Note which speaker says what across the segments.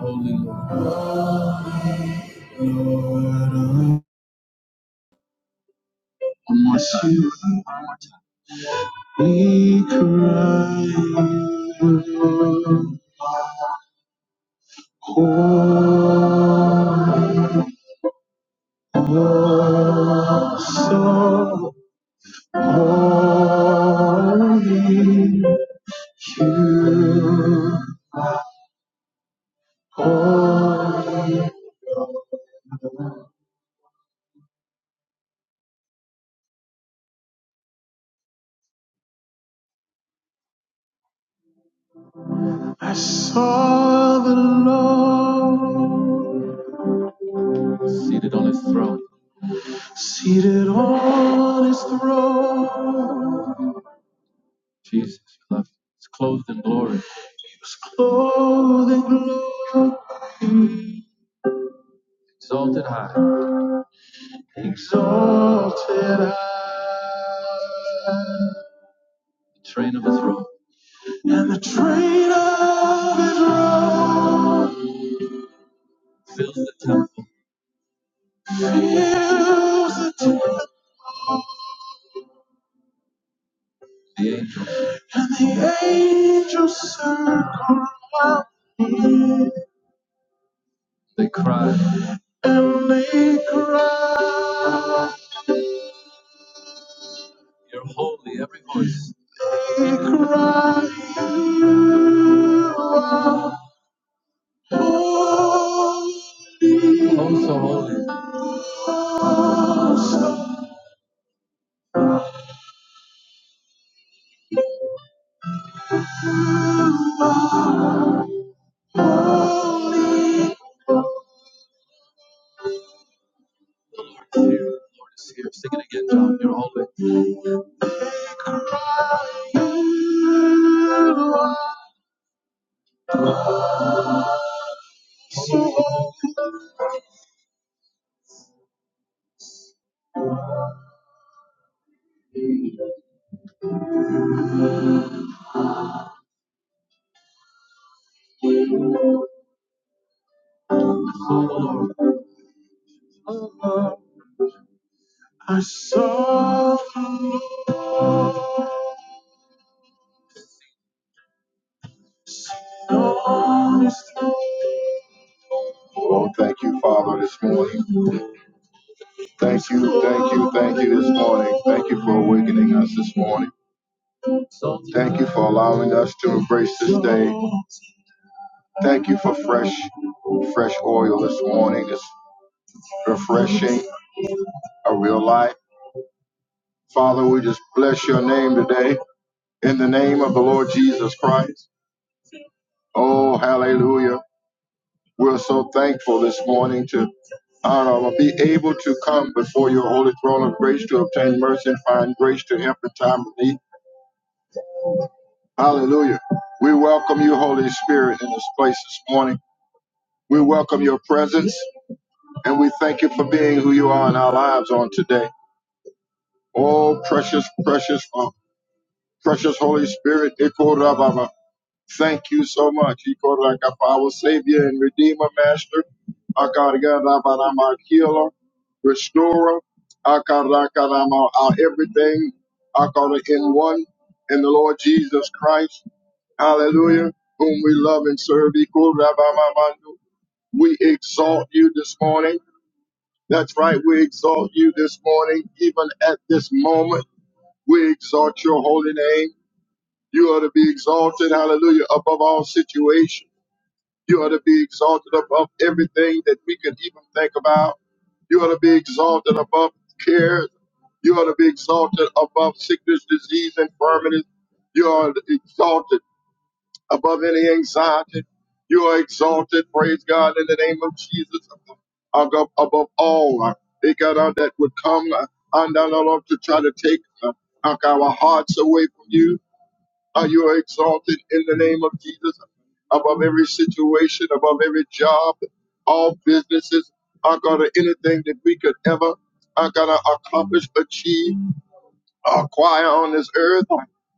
Speaker 1: Holy Lord. Lord, I want you. We cry. Oh, oh, so holy. You are. I saw the Lord seated on his throne. Seated on his throne. Jesus, we love you. It's clothed in glory. It's clothed in glory. Exalted high. Exalted high. The train of his robe. And the train of his robe. Fills the temple. Fills the temple. The angels. And the angels circle around him. They cry. And they cry. You're holy, every voice. Oh, so holy. The Lord is here. Sing it again, John. You're holy. so holy. I saw the Lord. Oh, thank you, Father, this morning. Thank you, thank you, thank you this morning. Thank you for awakening us this morning. Thank you for allowing us to embrace this day. Thank you for fresh, fresh oil this morning. It's refreshing, a real light. Father, we just bless your name today in the name of the Lord Jesus Christ. Oh, hallelujah. We're so thankful this morning to honor, be able to come before your holy throne of grace to obtain mercy and find grace to help in time of need. Hallelujah. We welcome you, Holy Spirit, in this place this morning. We welcome your presence and we thank you for being who you are in our lives on today. Oh, precious, precious, uh, precious Holy Spirit, Ikorababa. thank you so much, Ikoraka, for our Savior and Redeemer, Master, Akarakarabara, our Healer, Restorer, Akarakarama, our everything, Akara in one, in the Lord Jesus Christ, hallelujah, whom we love and serve, Ikorababamandu. we exalt you this morning. That's right, we exalt you this morning, even at this moment. We exalt your holy name. You are to be exalted, hallelujah, above all situations. You are to be exalted above everything that we could even think about. You are to be exalted above cares. You are to be exalted above sickness, disease, infirmities. You are exalted above any anxiety. You are exalted, praise God, in the name of Jesus, above, above all uh, they got out that would come uh, and down to try to take uh, our hearts away from you uh, you are exalted in the name of Jesus above every situation, above every job, all businesses. I got anything that we could ever, I got to accomplish, achieve, acquire on this earth.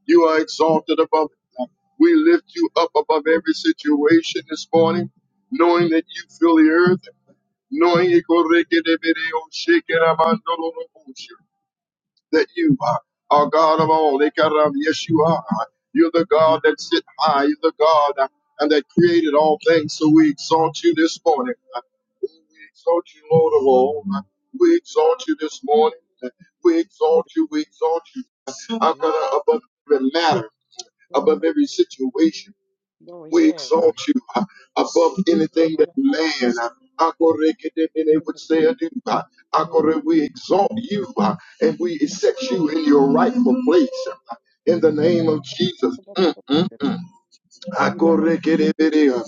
Speaker 1: You are exalted above it. We lift you up above every situation this morning, knowing that you fill the earth, knowing you go that you are, are God of all. Ikaram, Yes, you are. You're the God that sit high. You're the God uh, and that created all things. So we exalt you this morning. Uh, We exalt you, Lord of all. Uh, We exalt you this morning. Uh, We exalt you. We exalt you. Our
Speaker 2: Yes,
Speaker 1: God, above every matter, above
Speaker 2: Lord.
Speaker 1: every situation.
Speaker 2: Lord,
Speaker 1: We
Speaker 2: yes.
Speaker 1: exalt you uh, above anything that
Speaker 2: Yes,
Speaker 1: man, uh, Akorekedemene, would say or do. uh, Akore, We exalt you uh, and we accept you in your rightful place. uh, In the name of Jesus, Mm, mm. Akorekedemene, uh,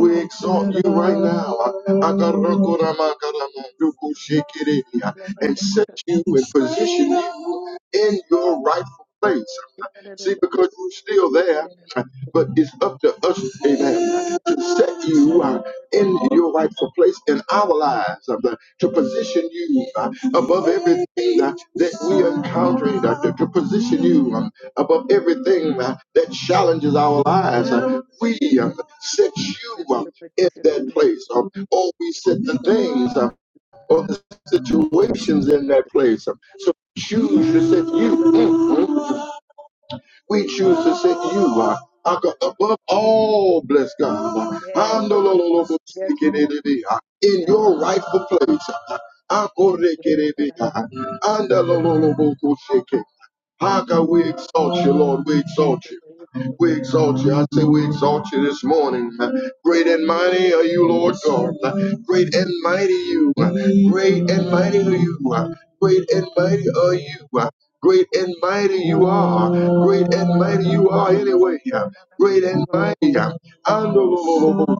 Speaker 1: we exalt you right now uh, Akarokoramakaramandukoshikereme, uh, and set you and position you in your rightful place. See, because you're still there, but it's up to us, amen, to set you uh, in your rightful place in our lives, uh, to position you uh, above everything uh, that we are encountering, uh, to, to position you um, above everything uh, that challenges our lives. Uh, we um, set you um, in that place, um, or we set the things uh, or the situations in that place. Um, so choose to set you. Mm, mm. We choose to set you uh, above all, bless God. Handololobo
Speaker 2: yes,
Speaker 1: sikerebe, uh, In
Speaker 2: Lord.
Speaker 1: your rightful place. uh, akorekerebe, uh, andalololobo kushike. Haka, we exalt you, Lord. We exalt you. We exalt you. I say we exalt you this morning. Great and mighty are you, Lord God.
Speaker 2: Yes.
Speaker 1: Great and mighty you. Great
Speaker 2: Yes,
Speaker 1: and mighty are you. Great and mighty are
Speaker 2: Thank
Speaker 1: you. Great and mighty you are. Great and mighty you are anyway. Great and mighty. And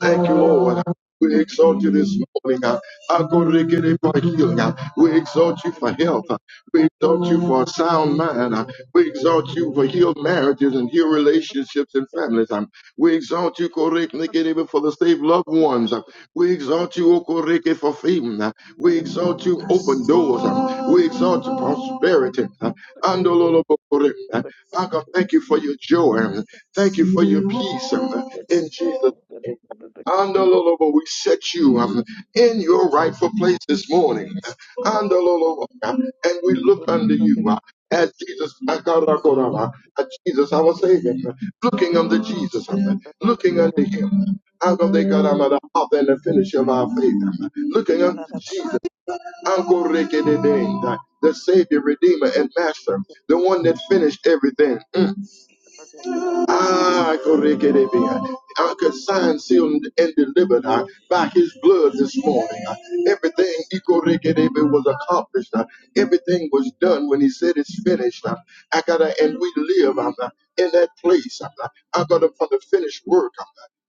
Speaker 1: Thank you, Lord. We exalt you this morning. uh, Akorikere for healing. uh, We exalt you for health. uh, We exalt you for a sound mind. uh, We exalt you for healed marriages and healed relationships and families. um, We exalt you, Korikere, for the saved loved ones. uh, We exalt you, Okorike, for fame. uh, We exalt you, open doors. um, We exalt you, prosperity. uh, Andololobokore, uh, Uncle, thank you for your joy. um, Thank you for your peace. um, In Jesus' Andalolobo, we set you um, in your rightful place this morning. Andalolobo, um, and we look unto you uh, as Jesus, Akarakorama, as Jesus our Savior, uh, looking unto Jesus, um, looking unto Him. Akodekarama, The author and the finisher of our faith, um, looking unto Jesus, Ankorekedede, the Savior, Redeemer, and Master, the one that finished everything. Mm. Ah, Korekedebe. Anchored, signed, sealed, and delivered uh, by his blood this morning. Uh, everything Ikorekedebe, was accomplished. uh, everything was done when he said it's finished. Uh, I gotta, and we live um, uh, in that place. i uh, I got to from the finished work. um,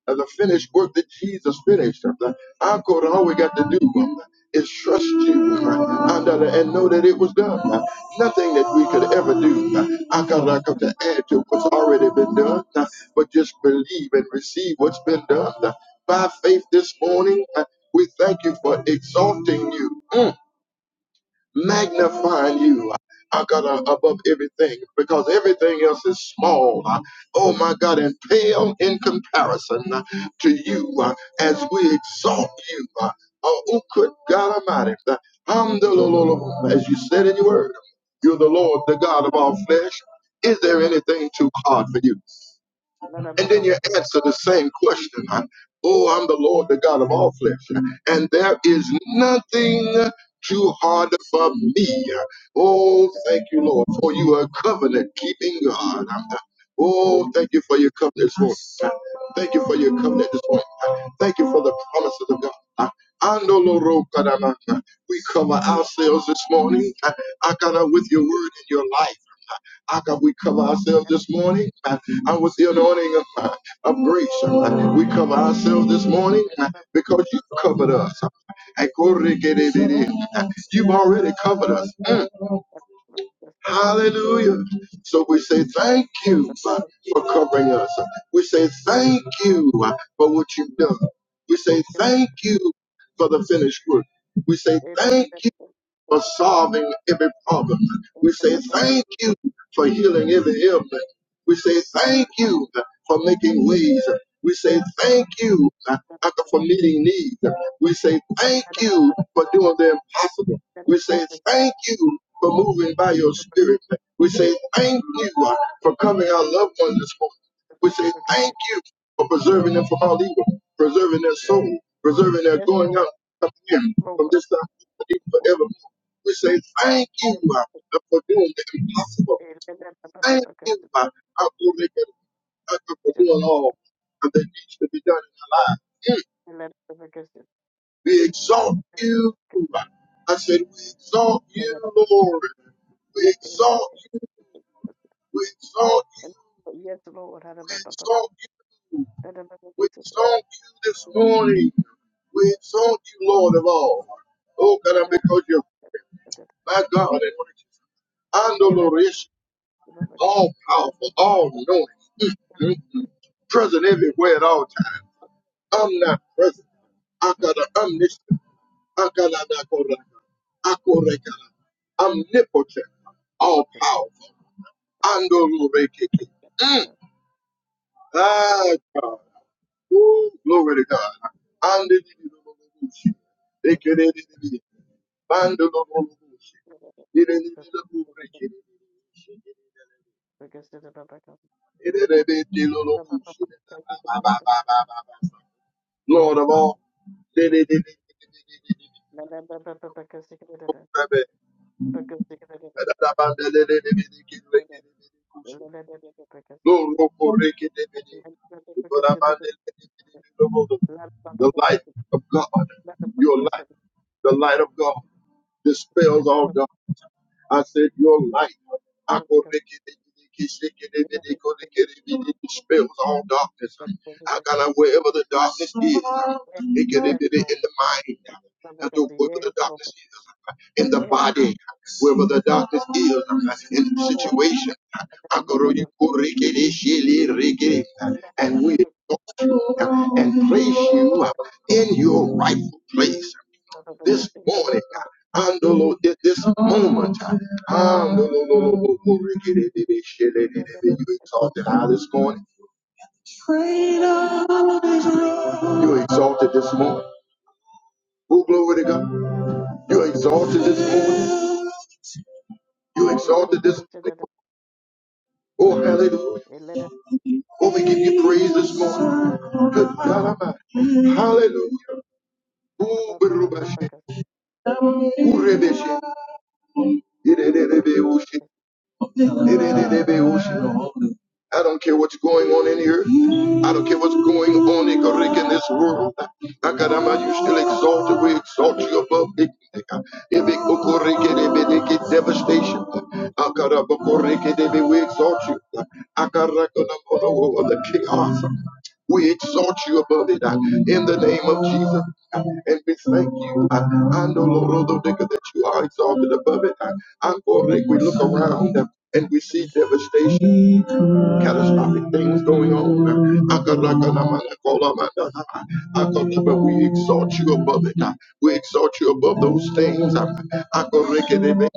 Speaker 1: of the finished work that Jesus finished. Um, the- Our God, all we got to do um, is trust you uh, and, uh, and know that it was done. Uh, Nothing that we could ever do. uh, Our God, I come to add to what's already been done, uh, but just believe and receive what's been done. Uh, By faith this morning, uh, we thank you for exalting you. Mm magnifying you. I got uh, above everything because everything else is small. uh, Oh my God, and pale in comparison uh, to you uh, as we exalt you. uh, Oh, oh, good God Almighty. uh,
Speaker 2: you.
Speaker 1: Hamdulillah, As you said in your word, you're the Lord, the God of all flesh. Is there anything too hard for you? And then you answer the same question. huh? Oh, I'm the Lord, the God of all flesh, and there is nothing too hard for me. Oh, thank you, Lord, for you are covenant keeping God. Oh, thank you for your covenant this morning. Thank you for your covenant this morning. Thank you for the promises of God. Andolo ro kadama. We cover ourselves this morning. uh, I got up with your word in your life. How can we cover ourselves this morning? Uh, I was the anointing of, uh, of grace. Uh, We cover ourselves this morning uh, because you covered us. Uh, You've already covered us. Mm. Hallelujah. So we say thank you uh, for covering us. We say thank you uh, for what you've done. We say thank you for the finished work. We say thank for solving every problem. We say thank you for healing every ailment. We say thank you for making ways. We say thank you uh, for meeting needs. We say thank you for doing the impossible. We say thank you for moving by your spirit. We say thank you uh, for coming our loved ones this morning. We say thank you for preserving them from all evil, preserving their soul, preserving their
Speaker 2: Yes,
Speaker 1: going
Speaker 2: Lord.
Speaker 1: out, coming
Speaker 2: Yes,
Speaker 1: in from this time forever. We say thank you
Speaker 2: Lord.
Speaker 1: uh, for doing the impossible. Thank you uh, uh, for making uh, for
Speaker 2: Yes,
Speaker 1: doing all that needs to be done in our lives. Mm. We exalt you. uh, I said, we exalt you, Lord. We exalt you. We exalt you.
Speaker 2: Lord.
Speaker 1: We exalt you. We exalt you this morning. We exalt you, Lord of all. Oh God, I'm because you're my God and and the Lord all powerful, all knowing. Mm, mm, present everywhere at all times. Omnipresent. Akada omniscient. Akaladakoraka. Akorekala. Omnipotent. All powerful. Andorurekeke. Mm. Ah, God. Woo. Glory to God. Andidididididididi. Ekedidididi. Bandidididididi. Lord of all. The
Speaker 2: Because Yes, Lord. Yes, Lord. Yes,
Speaker 1: light of God, your light. The light of God dispels all darkness. I said, Your light dispels all darkness. I got wherever the darkness is, it can be in the mind. That's wherever the
Speaker 2: Lord.
Speaker 1: darkness is, in the
Speaker 2: Yes,
Speaker 1: body, wherever the darkness is, in the situation. And we exalt you and place you in your rightful place this morning. Andolo, this moment. Andolo, you exalted high this morning. You exalted this morning. Oh, glory to God. You exalted this morning. You exalted this morning. Oh, hallelujah. Oh, we give you praise this morning. Good God Almighty.
Speaker 2: Lord.
Speaker 1: Hallelujah. Oh, Berubashe. Oh, Rebeshe. I don't care what's going on in here. I don't care what's going on in Greek in this world. Akarama, you still exalted. We exalt you above ignorant. Evic Bokoreke debe deke devastation. Akara Bokoreke debe, we exalt you. Akarakonamono, the chaos. We exalt you above it uh, in the name of Jesus. uh, And we thank you. uh, Ando lo rodo That you are exalted above it. uh, Ankorek, We look around. Uh, and we see devastation, catastrophic things going on. Akalakalamakolama. We exalt you above it. We exalt you above those things. Akorekedebe,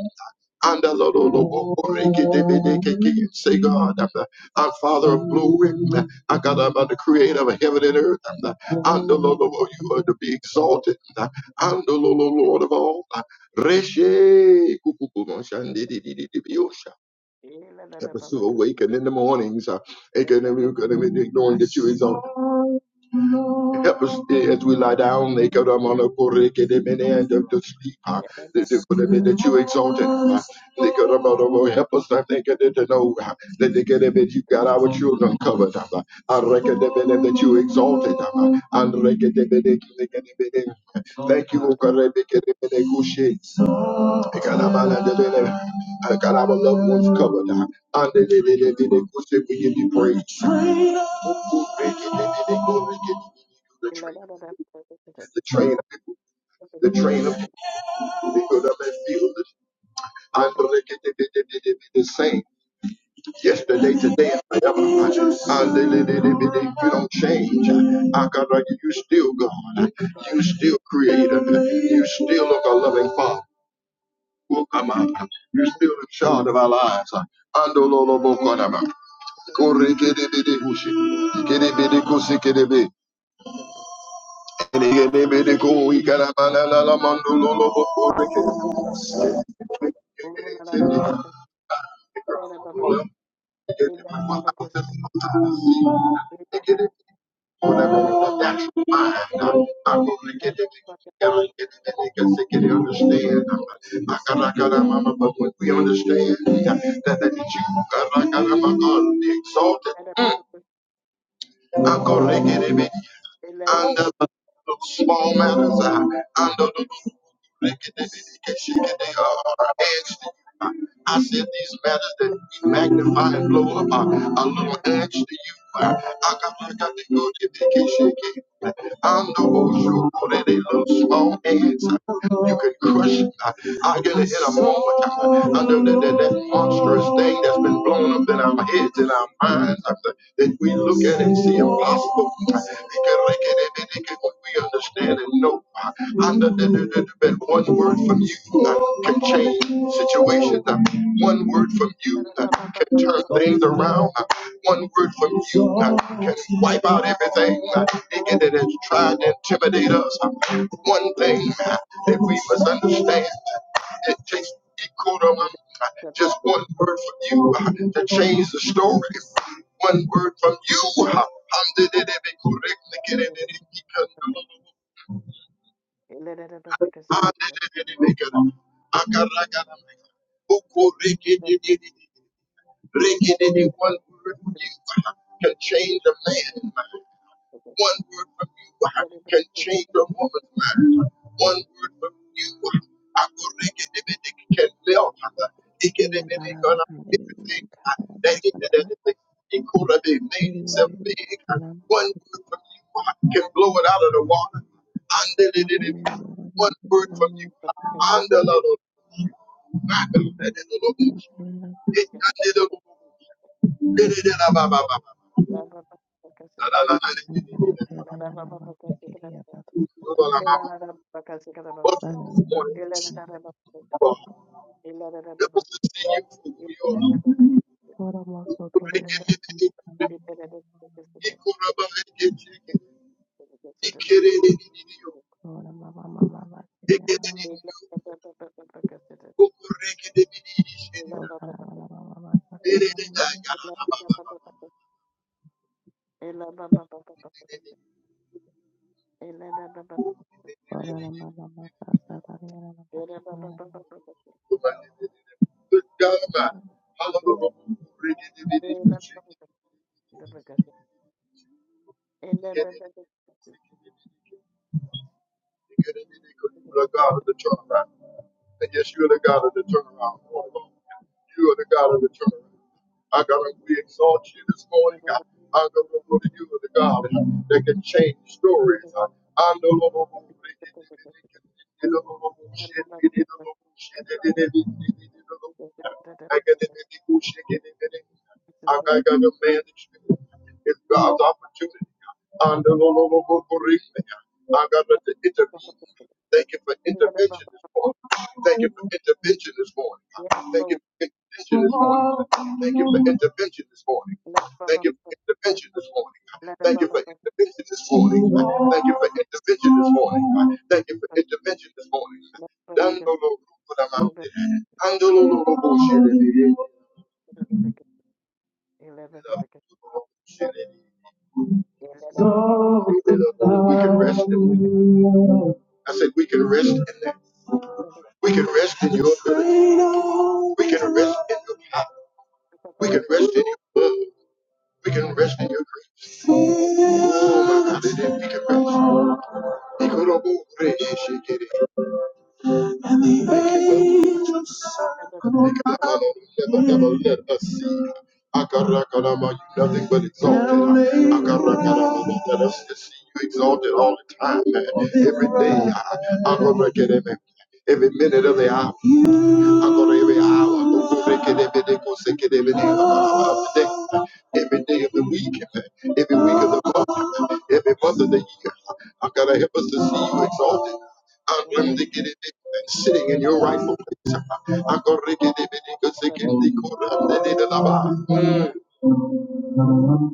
Speaker 1: Say, God, our Father of glory, Akalaba, the creator of heaven and earth, you are to be exalted. Andalolo, Lord of all. Reshe, Help us to awaken in the mornings. uh, aken- aken- Knowing that you exalt. Help us as we lie
Speaker 2: Thank
Speaker 1: down. aken- um, on a correct and amen, of the sleep. uh, That that- that you exalted. uh, aken- um, um, um, Help us to think and to know uh, that aken- um, that you got our children covered. uh, I reckon amen, that you exalted. uh, and reckon, amen, aken- amen, amen. Thank you, O God. amen, amen, amen. I got God, our loved ones covered. and they Uh, andelelelelele. Go say we give you praise. Okorekelelele. The train of people, the train of people, the train of people, they go down that field. Andelelelelele. The same yesterday, today, and forever. Andelelelelele. You don't change. Uh, God, you still God. You still creator. You still look a loving Father. Okama. You're still in charge of our lives. Andololo bokonama. Korekedebede hushi. Ikedebede kosekedebe. Ikedebede ko ikarabalala mandololo bokoreke. Ikedebede.
Speaker 2: you. Thank
Speaker 1: Ikedebede. Understand. But when we understand yeah, that the you the exalted, I'm going to get it. under the small matters, under the I said these matters that we magnify and blow up are a little edge to you. uh, I got to go to vacation. I'm the old show that they look small hands. You can crush it. uh, I, get it in a moment. Under that, that, that monstrous thing that's been blown up in our heads and our minds. uh, That we look at and see impossible. uh, We understand ahead and know uh, under the, the, the, the- that one word from you uh, can change situations. Uh, one word from you uh, can turn things around. Uh, one word from you uh, can wipe out everything uh, it, it has tried to intimidate us. Uh, one thing uh, that we must understand it takes Ikuram, just one word from you uh, to change the story. One word from you. uh, I'm the- the- the- the correct, the- the- the- the- the- Akaragana. Ukurikididididi. Breaking any one word from you can change a man's mind. One word from you can change a woman's mind. One word from you I will break it if it can melt. It can if
Speaker 3: Ria
Speaker 1: it
Speaker 3: bara
Speaker 1: ain't
Speaker 3: bara
Speaker 1: gonna
Speaker 3: ria
Speaker 1: everything that
Speaker 3: kala bara
Speaker 1: it that
Speaker 3: ta
Speaker 1: it it could have been made
Speaker 3: ria
Speaker 1: itself
Speaker 3: ria
Speaker 1: big.
Speaker 3: kala bara
Speaker 1: One word from you can blow it out of the water. Under it,
Speaker 3: ria
Speaker 1: it, it, One
Speaker 3: bara ria
Speaker 1: word from you. Under the Lord.
Speaker 3: kala bara
Speaker 2: you. Ela
Speaker 3: Ora moto tora yara kama kama
Speaker 1: You're the God of the turnaround. And yes, you are the God of the turnaround. You are the God of the turnaround. I gotta we exalt you this morning. I, I gotta go to you the God that can change stories. I, I know Lord, I got got a man It's God's opportunity. And the Lord will correct me. I got to
Speaker 2: Yes,
Speaker 1: intervene. Thank you for intervention this morning. Thank you for intervention this morning. Thank
Speaker 2: Lord.
Speaker 1: you for intervention this morning. Thank you for intervention this morning.
Speaker 2: Let Baba
Speaker 1: Thank you for intervention this morning.
Speaker 2: let a
Speaker 1: Thank you
Speaker 2: Baba
Speaker 1: for intervention this morning. right? Thank you for intervention this morning. right? Thank you for intervention this morning. Dandolo- Andololobosherebe. We can rest in that. I said we can rest in that. We can rest in your grace. We can rest in your power. We can rest in your love. We can
Speaker 2: eleven
Speaker 1: rest in your grace. Oh my God, we can rest. Nothing but exalted. Akarakalama, Let us see you exalted all the time, every day. Every minute of the hour. God, every hour, every day every day. of the week, every week of the month, every month of the year. I gotta help us to see you exalted. I'm going to get it and sitting in your rightful place. I'm going to get it because they can be called up. They need a lava.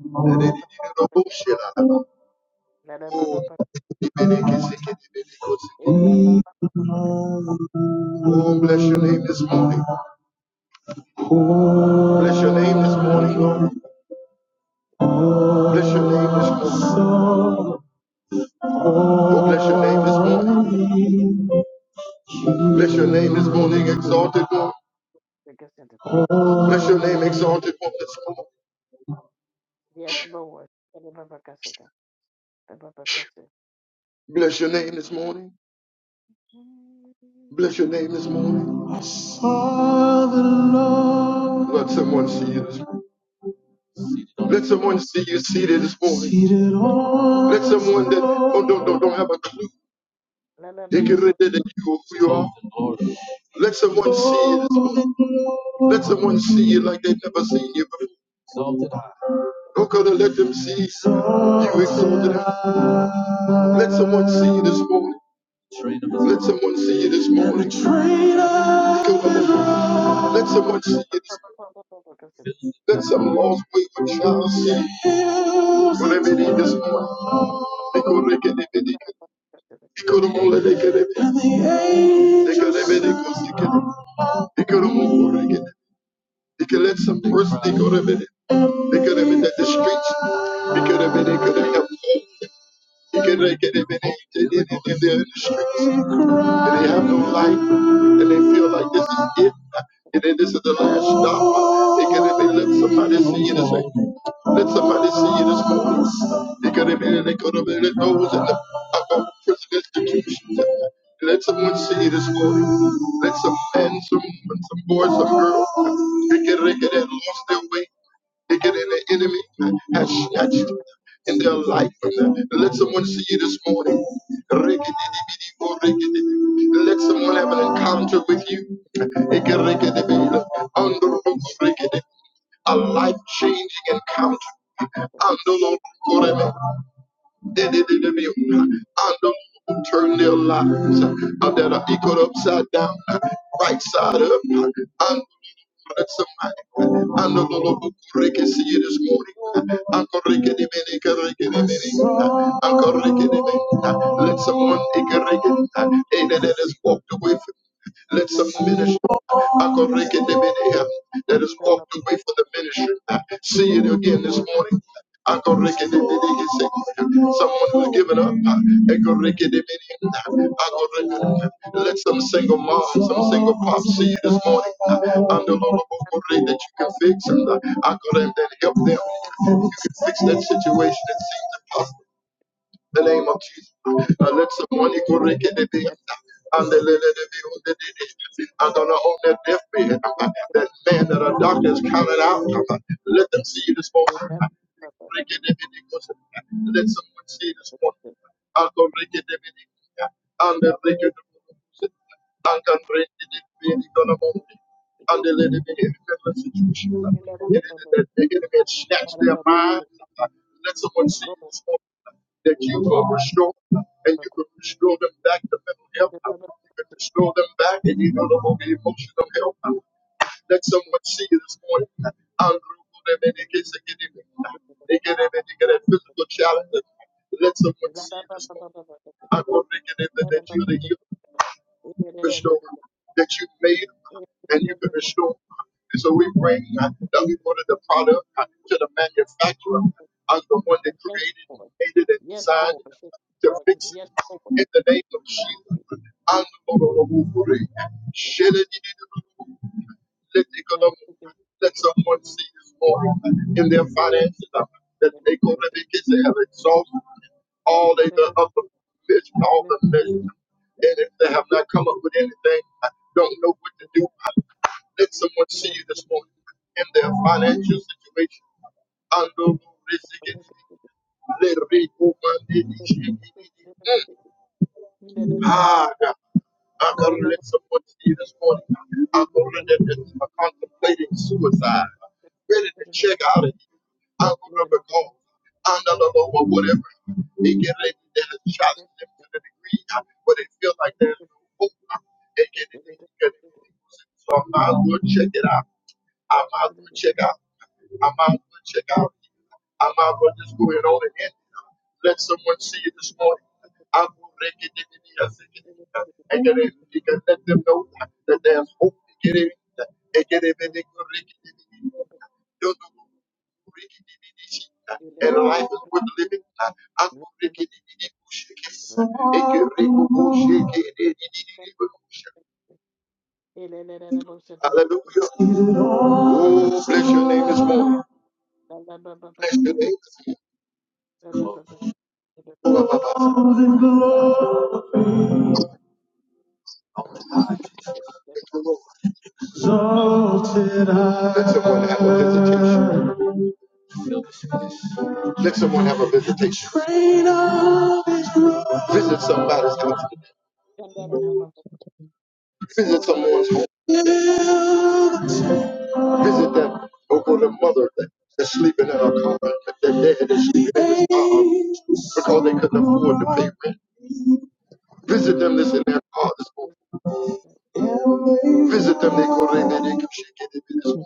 Speaker 1: They need a bullshit. Oh, Oh, bless your name this morning. Bless your name this morning, Lord. Bless your name this morning. Oh, bless your name this morning. Bless your name this morning, exalted one. Bless your name, exalted one this morning.
Speaker 2: Yes, Lord. Yes, Lord.
Speaker 1: Bless your name this morning. Bless your name this morning. Father, Lord. Let someone see you this morning. Let someone see you seated this morning. Seated on Let someone that don't, don't, don't, don't have a clue, they can read that you, who you are. Let someone see you this morning. Let someone see you like they've never seen you before. Don't God, to let them see you exalted. high. Let someone see you this morning. Let someone see you this morning. Go, God, Let someone see you this morning. Let some lost wayward child see you. Whatever it is this morning. They go, they get it, they get it. They go, they go, they get it. They go, they get it, they go, they get it. They go, they go, they get it. They can let some person, they go, they get it. They could have been at the streets. He could have been, he could have helped. He could have could been anything, anything there in the streets. And they have no life. And they feel like this is it. And then this is the last stop. He could have been, let somebody see you this morning. Let somebody see you this morning. He could have been, they could have been at those in the uh, prison institutions. Let someone see you this morning. Let some men, some women, some boys, some girls, they could have lost their way. Nigga, than the enemy has snatched in their life. Let someone see you this morning. Let someone have an encounter with you. A life changing encounter. They did it to me. And the moon turned their lives uh, that are equal upside down, uh, right side up. uh, And uh, somebody, uh, and the Lord of Rick can see you this morning. uh, and the Ricky de Mini, uh, Ricky de Mini, uh, and the Ricky de Mini, uh, Let someone take a ricky, uh, eh, that that has walked away from. Let some
Speaker 2: Yes,
Speaker 1: ministry. Akorekedebede, That has walked away from the ministry. See it again this morning. Akorekedebedekese. Someone who's given up. Akorekedebede. Akorekede. Let some single mom, some single pop see you this morning. And the Lord will pray that you can fix them. I could help them. You can fix that situation that seems impossible the name of Jesus. Uh, let someone go rake it in. and the lily of the field, the dead. And on the own that deathbed, uh, that man that a doctor is counted out, uh, let them see you this morning. Uh, it in, uh, Let someone see this morning. I'll go rake it in, uh, And the rake it in. Angan Brady Donovan and the lady behaving in the situation. The enemy snatch their minds. Let someone see
Speaker 2: Lord.
Speaker 1: this morning that you will restore them, and you can restore them back to mental health. You can restore them back and you know the emotional health. Let someone see this morning. I'll group them in case they get it. They get it, they get a physical challenge. Let someone see this morning. I'm going to get it that you're the healer restore
Speaker 2: Jesus.
Speaker 1: that you made and you can restore. And so we bring uh, that we order the
Speaker 2: Yes,
Speaker 1: product uh, to the manufacturer as the one that created,
Speaker 2: Lord.
Speaker 1: made it, and
Speaker 2: Yes,
Speaker 1: designed it
Speaker 2: Lord.
Speaker 1: to fix it.
Speaker 2: Yes,
Speaker 1: In the name of Jesus, and the Lord of glory, let someone see this morning in their finances uh, that they go to because they have exhausted all of the upper measure, all the measure. And if they have not come up with anything, I don't know what to do. Let someone see you this morning in their financial situation. Ando rezegedi, le rebo mande di shegedi. Mm. Ah, God. I'm going to let someone see you this morning. I'm going to let them who are contemplating suicide, ready to check out of here. I'm going to recall. I'm not alone or whatever. They get ready to challenge them to the degree where they feel like there's no hope. They get it. They get it. So i might as well check it out. I might as well check out. I might as well check out. I might as well just go in on it and uh, let someone see it this morning. I'm going to make it in the air, and then it- you can let them know that that there's hope to get in. And get it and they go rake it in the good and life is worth living. uh, I'm going to get it in here, go shake it, uh, And get it. go go shake it, and it,
Speaker 2: Lord. Yes,
Speaker 1: in And get Hallelujah. Oh, bless your name this morning. Bless your name. All the glory, Thank you, Lord. Let someone have a visitation. Let someone have a visitation.
Speaker 3: Thank
Speaker 1: train
Speaker 3: you.
Speaker 1: of his glory. Visit somebody's house. Visit someone's home. robe Visit that Oakland mother that, that's sleeping in her car, that dad that's sleeping in his car because they couldn't afford to pay rent. Visit them that's in their car this morning. Visit them, they go in there, they can shake it, they can shake it.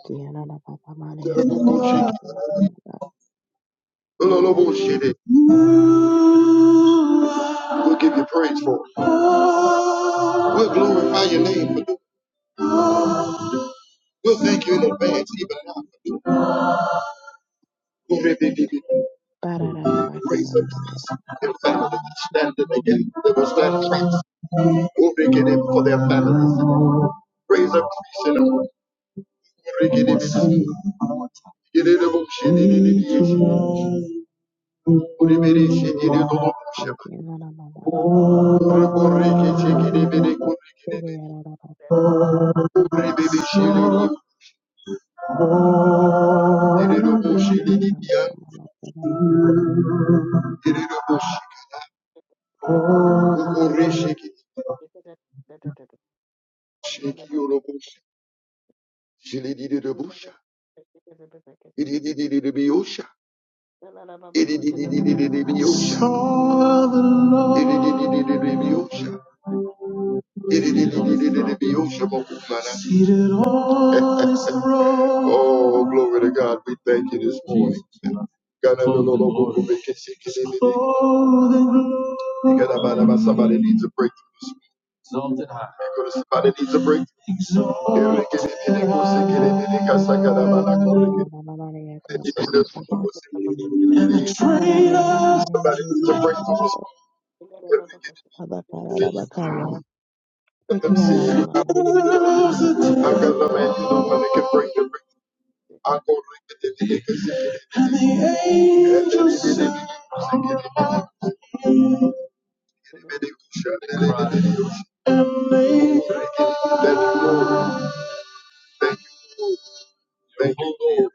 Speaker 1: Lord, We'll give you praise for it. We'll glorify your name for it. We'll thank you in advance, even now. for it. Raise up priests and families standing again. They will stand priests. We'll be getting for their families. Raise up priests and we'll be getting it. Get it, we'll shit it, it, it, it, it. Reboreke tekerebere korekerebe. Rebebe shiriki. Ererobo shiririya. Ererobo shika. Okoreshiki. Shiki yorobo shi. Shiririrebo sha. Iriririririririyo sha. Iriririririririyo sha. Iriririririririyo sha. Oh, glory to God. We thank you this morning. Somebody needs a breakthrough this morning. Somebody needs a breakthrough. Somebody needs a breakthrough this morning. Let them see you. Nobody can break the record. I go like the Thank you, Lord.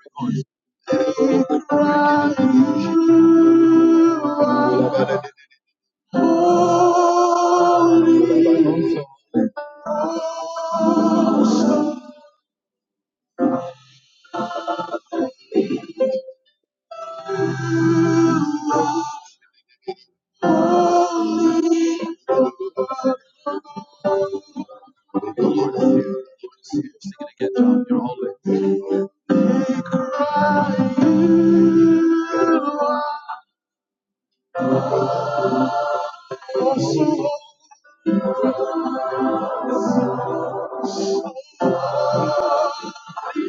Speaker 1: You're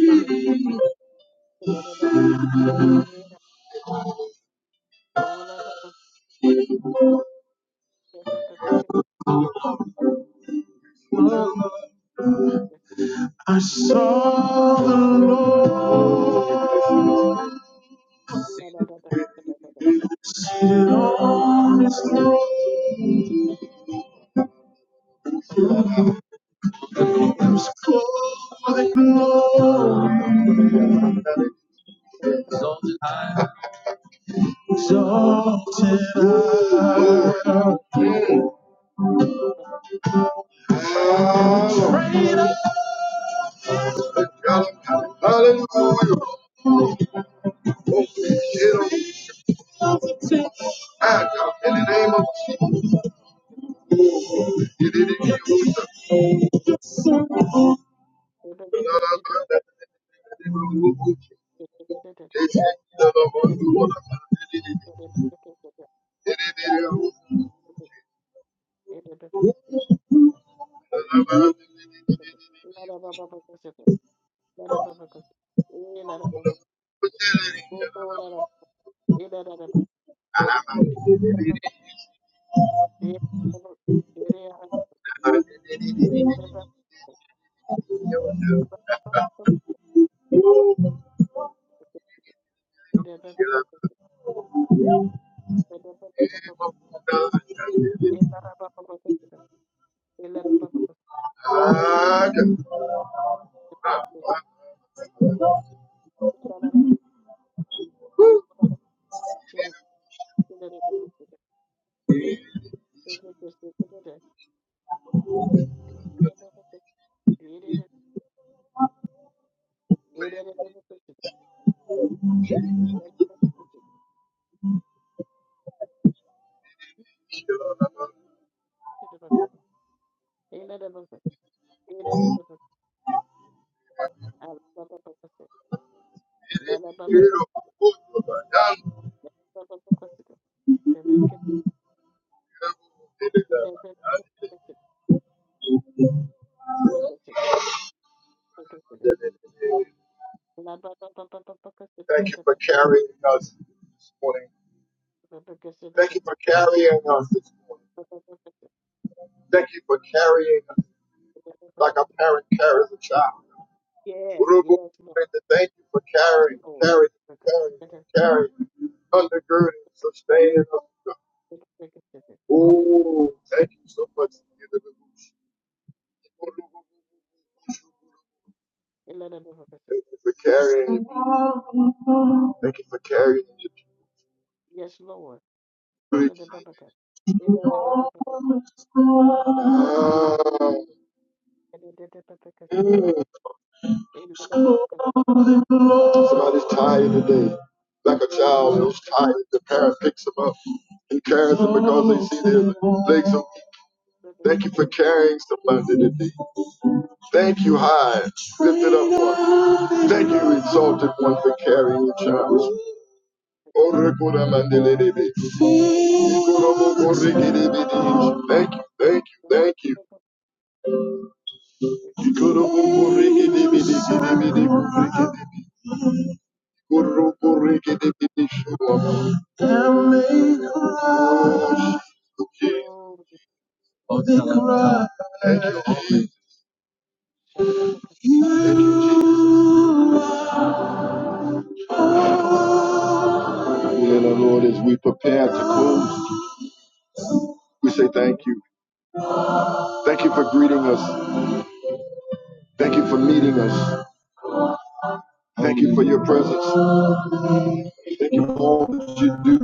Speaker 2: Thank you.
Speaker 1: holy. I saw the Lord seated on his throne clothed with glory, exalted, high. exalted. high. Praise the Hallelujah. in the name of Jesus.
Speaker 2: Thank
Speaker 1: Ah, it- it'll
Speaker 2: you. Yes,
Speaker 1: Thank you for carrying us this morning. Thank you for carrying us this morning. Thank you for carrying us like a parent carries a child.
Speaker 2: yes, Lord.
Speaker 1: Thank you for
Speaker 2: Yes,
Speaker 1: carrying,
Speaker 2: Lord.
Speaker 1: carrying, carrying, carrying, undergirding, sustaining us. Oh, thank you so much for carrying me. Thank you for carrying me.
Speaker 2: Yes, Lord.
Speaker 1: Thank you. Ah, mm. Somebody's tired today. Like a child who's tired, the parent picks them up and carries them because they see their legs are weak. Thank you for carrying somebody today. Thank you, high, lifted up one. Thank you, exalted one, for carrying the child. Orekora mandelelebe. Ikorobo korekelebede. Thank you, thank you, thank you.
Speaker 2: Oh,
Speaker 1: Ikorobo korekelebede, kelebede, korekelebe. Koro korekelebede, shalom. Can make a rush or they cry. Thank you, Jesus. Dear the Lord, as we prepare to close, we say thank
Speaker 2: Yes,
Speaker 1: you. Thank you for greeting us. Thank you for meeting us. Thank you for your presence. Thank you for all that you do.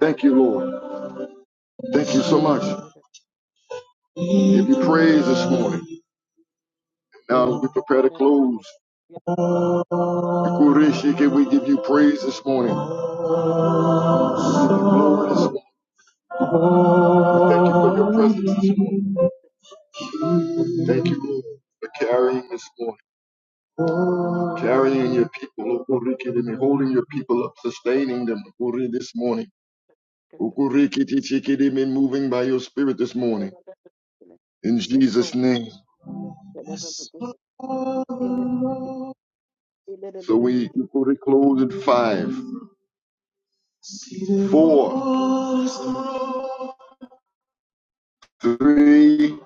Speaker 1: Thank you, Lord. Thank you so much. Give you praise this morning. Now we prepare to close, Kurishi, can we give you praise this morning? Glory this morning. Thank you for your presence this morning. Thank you, Lord, for carrying this morning, carrying your people, Ukurikidimi, holding your people up, sustaining them, Ukuri, this morning. Ukurikitichikidimi, moving by your spirit this morning. In
Speaker 2: Yes, Lord.
Speaker 1: Jesus' name. So we Ukuri close in five, four, three,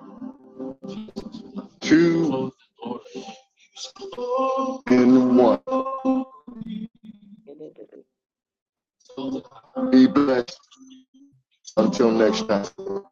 Speaker 1: two, and one. Be blessed. Until next time.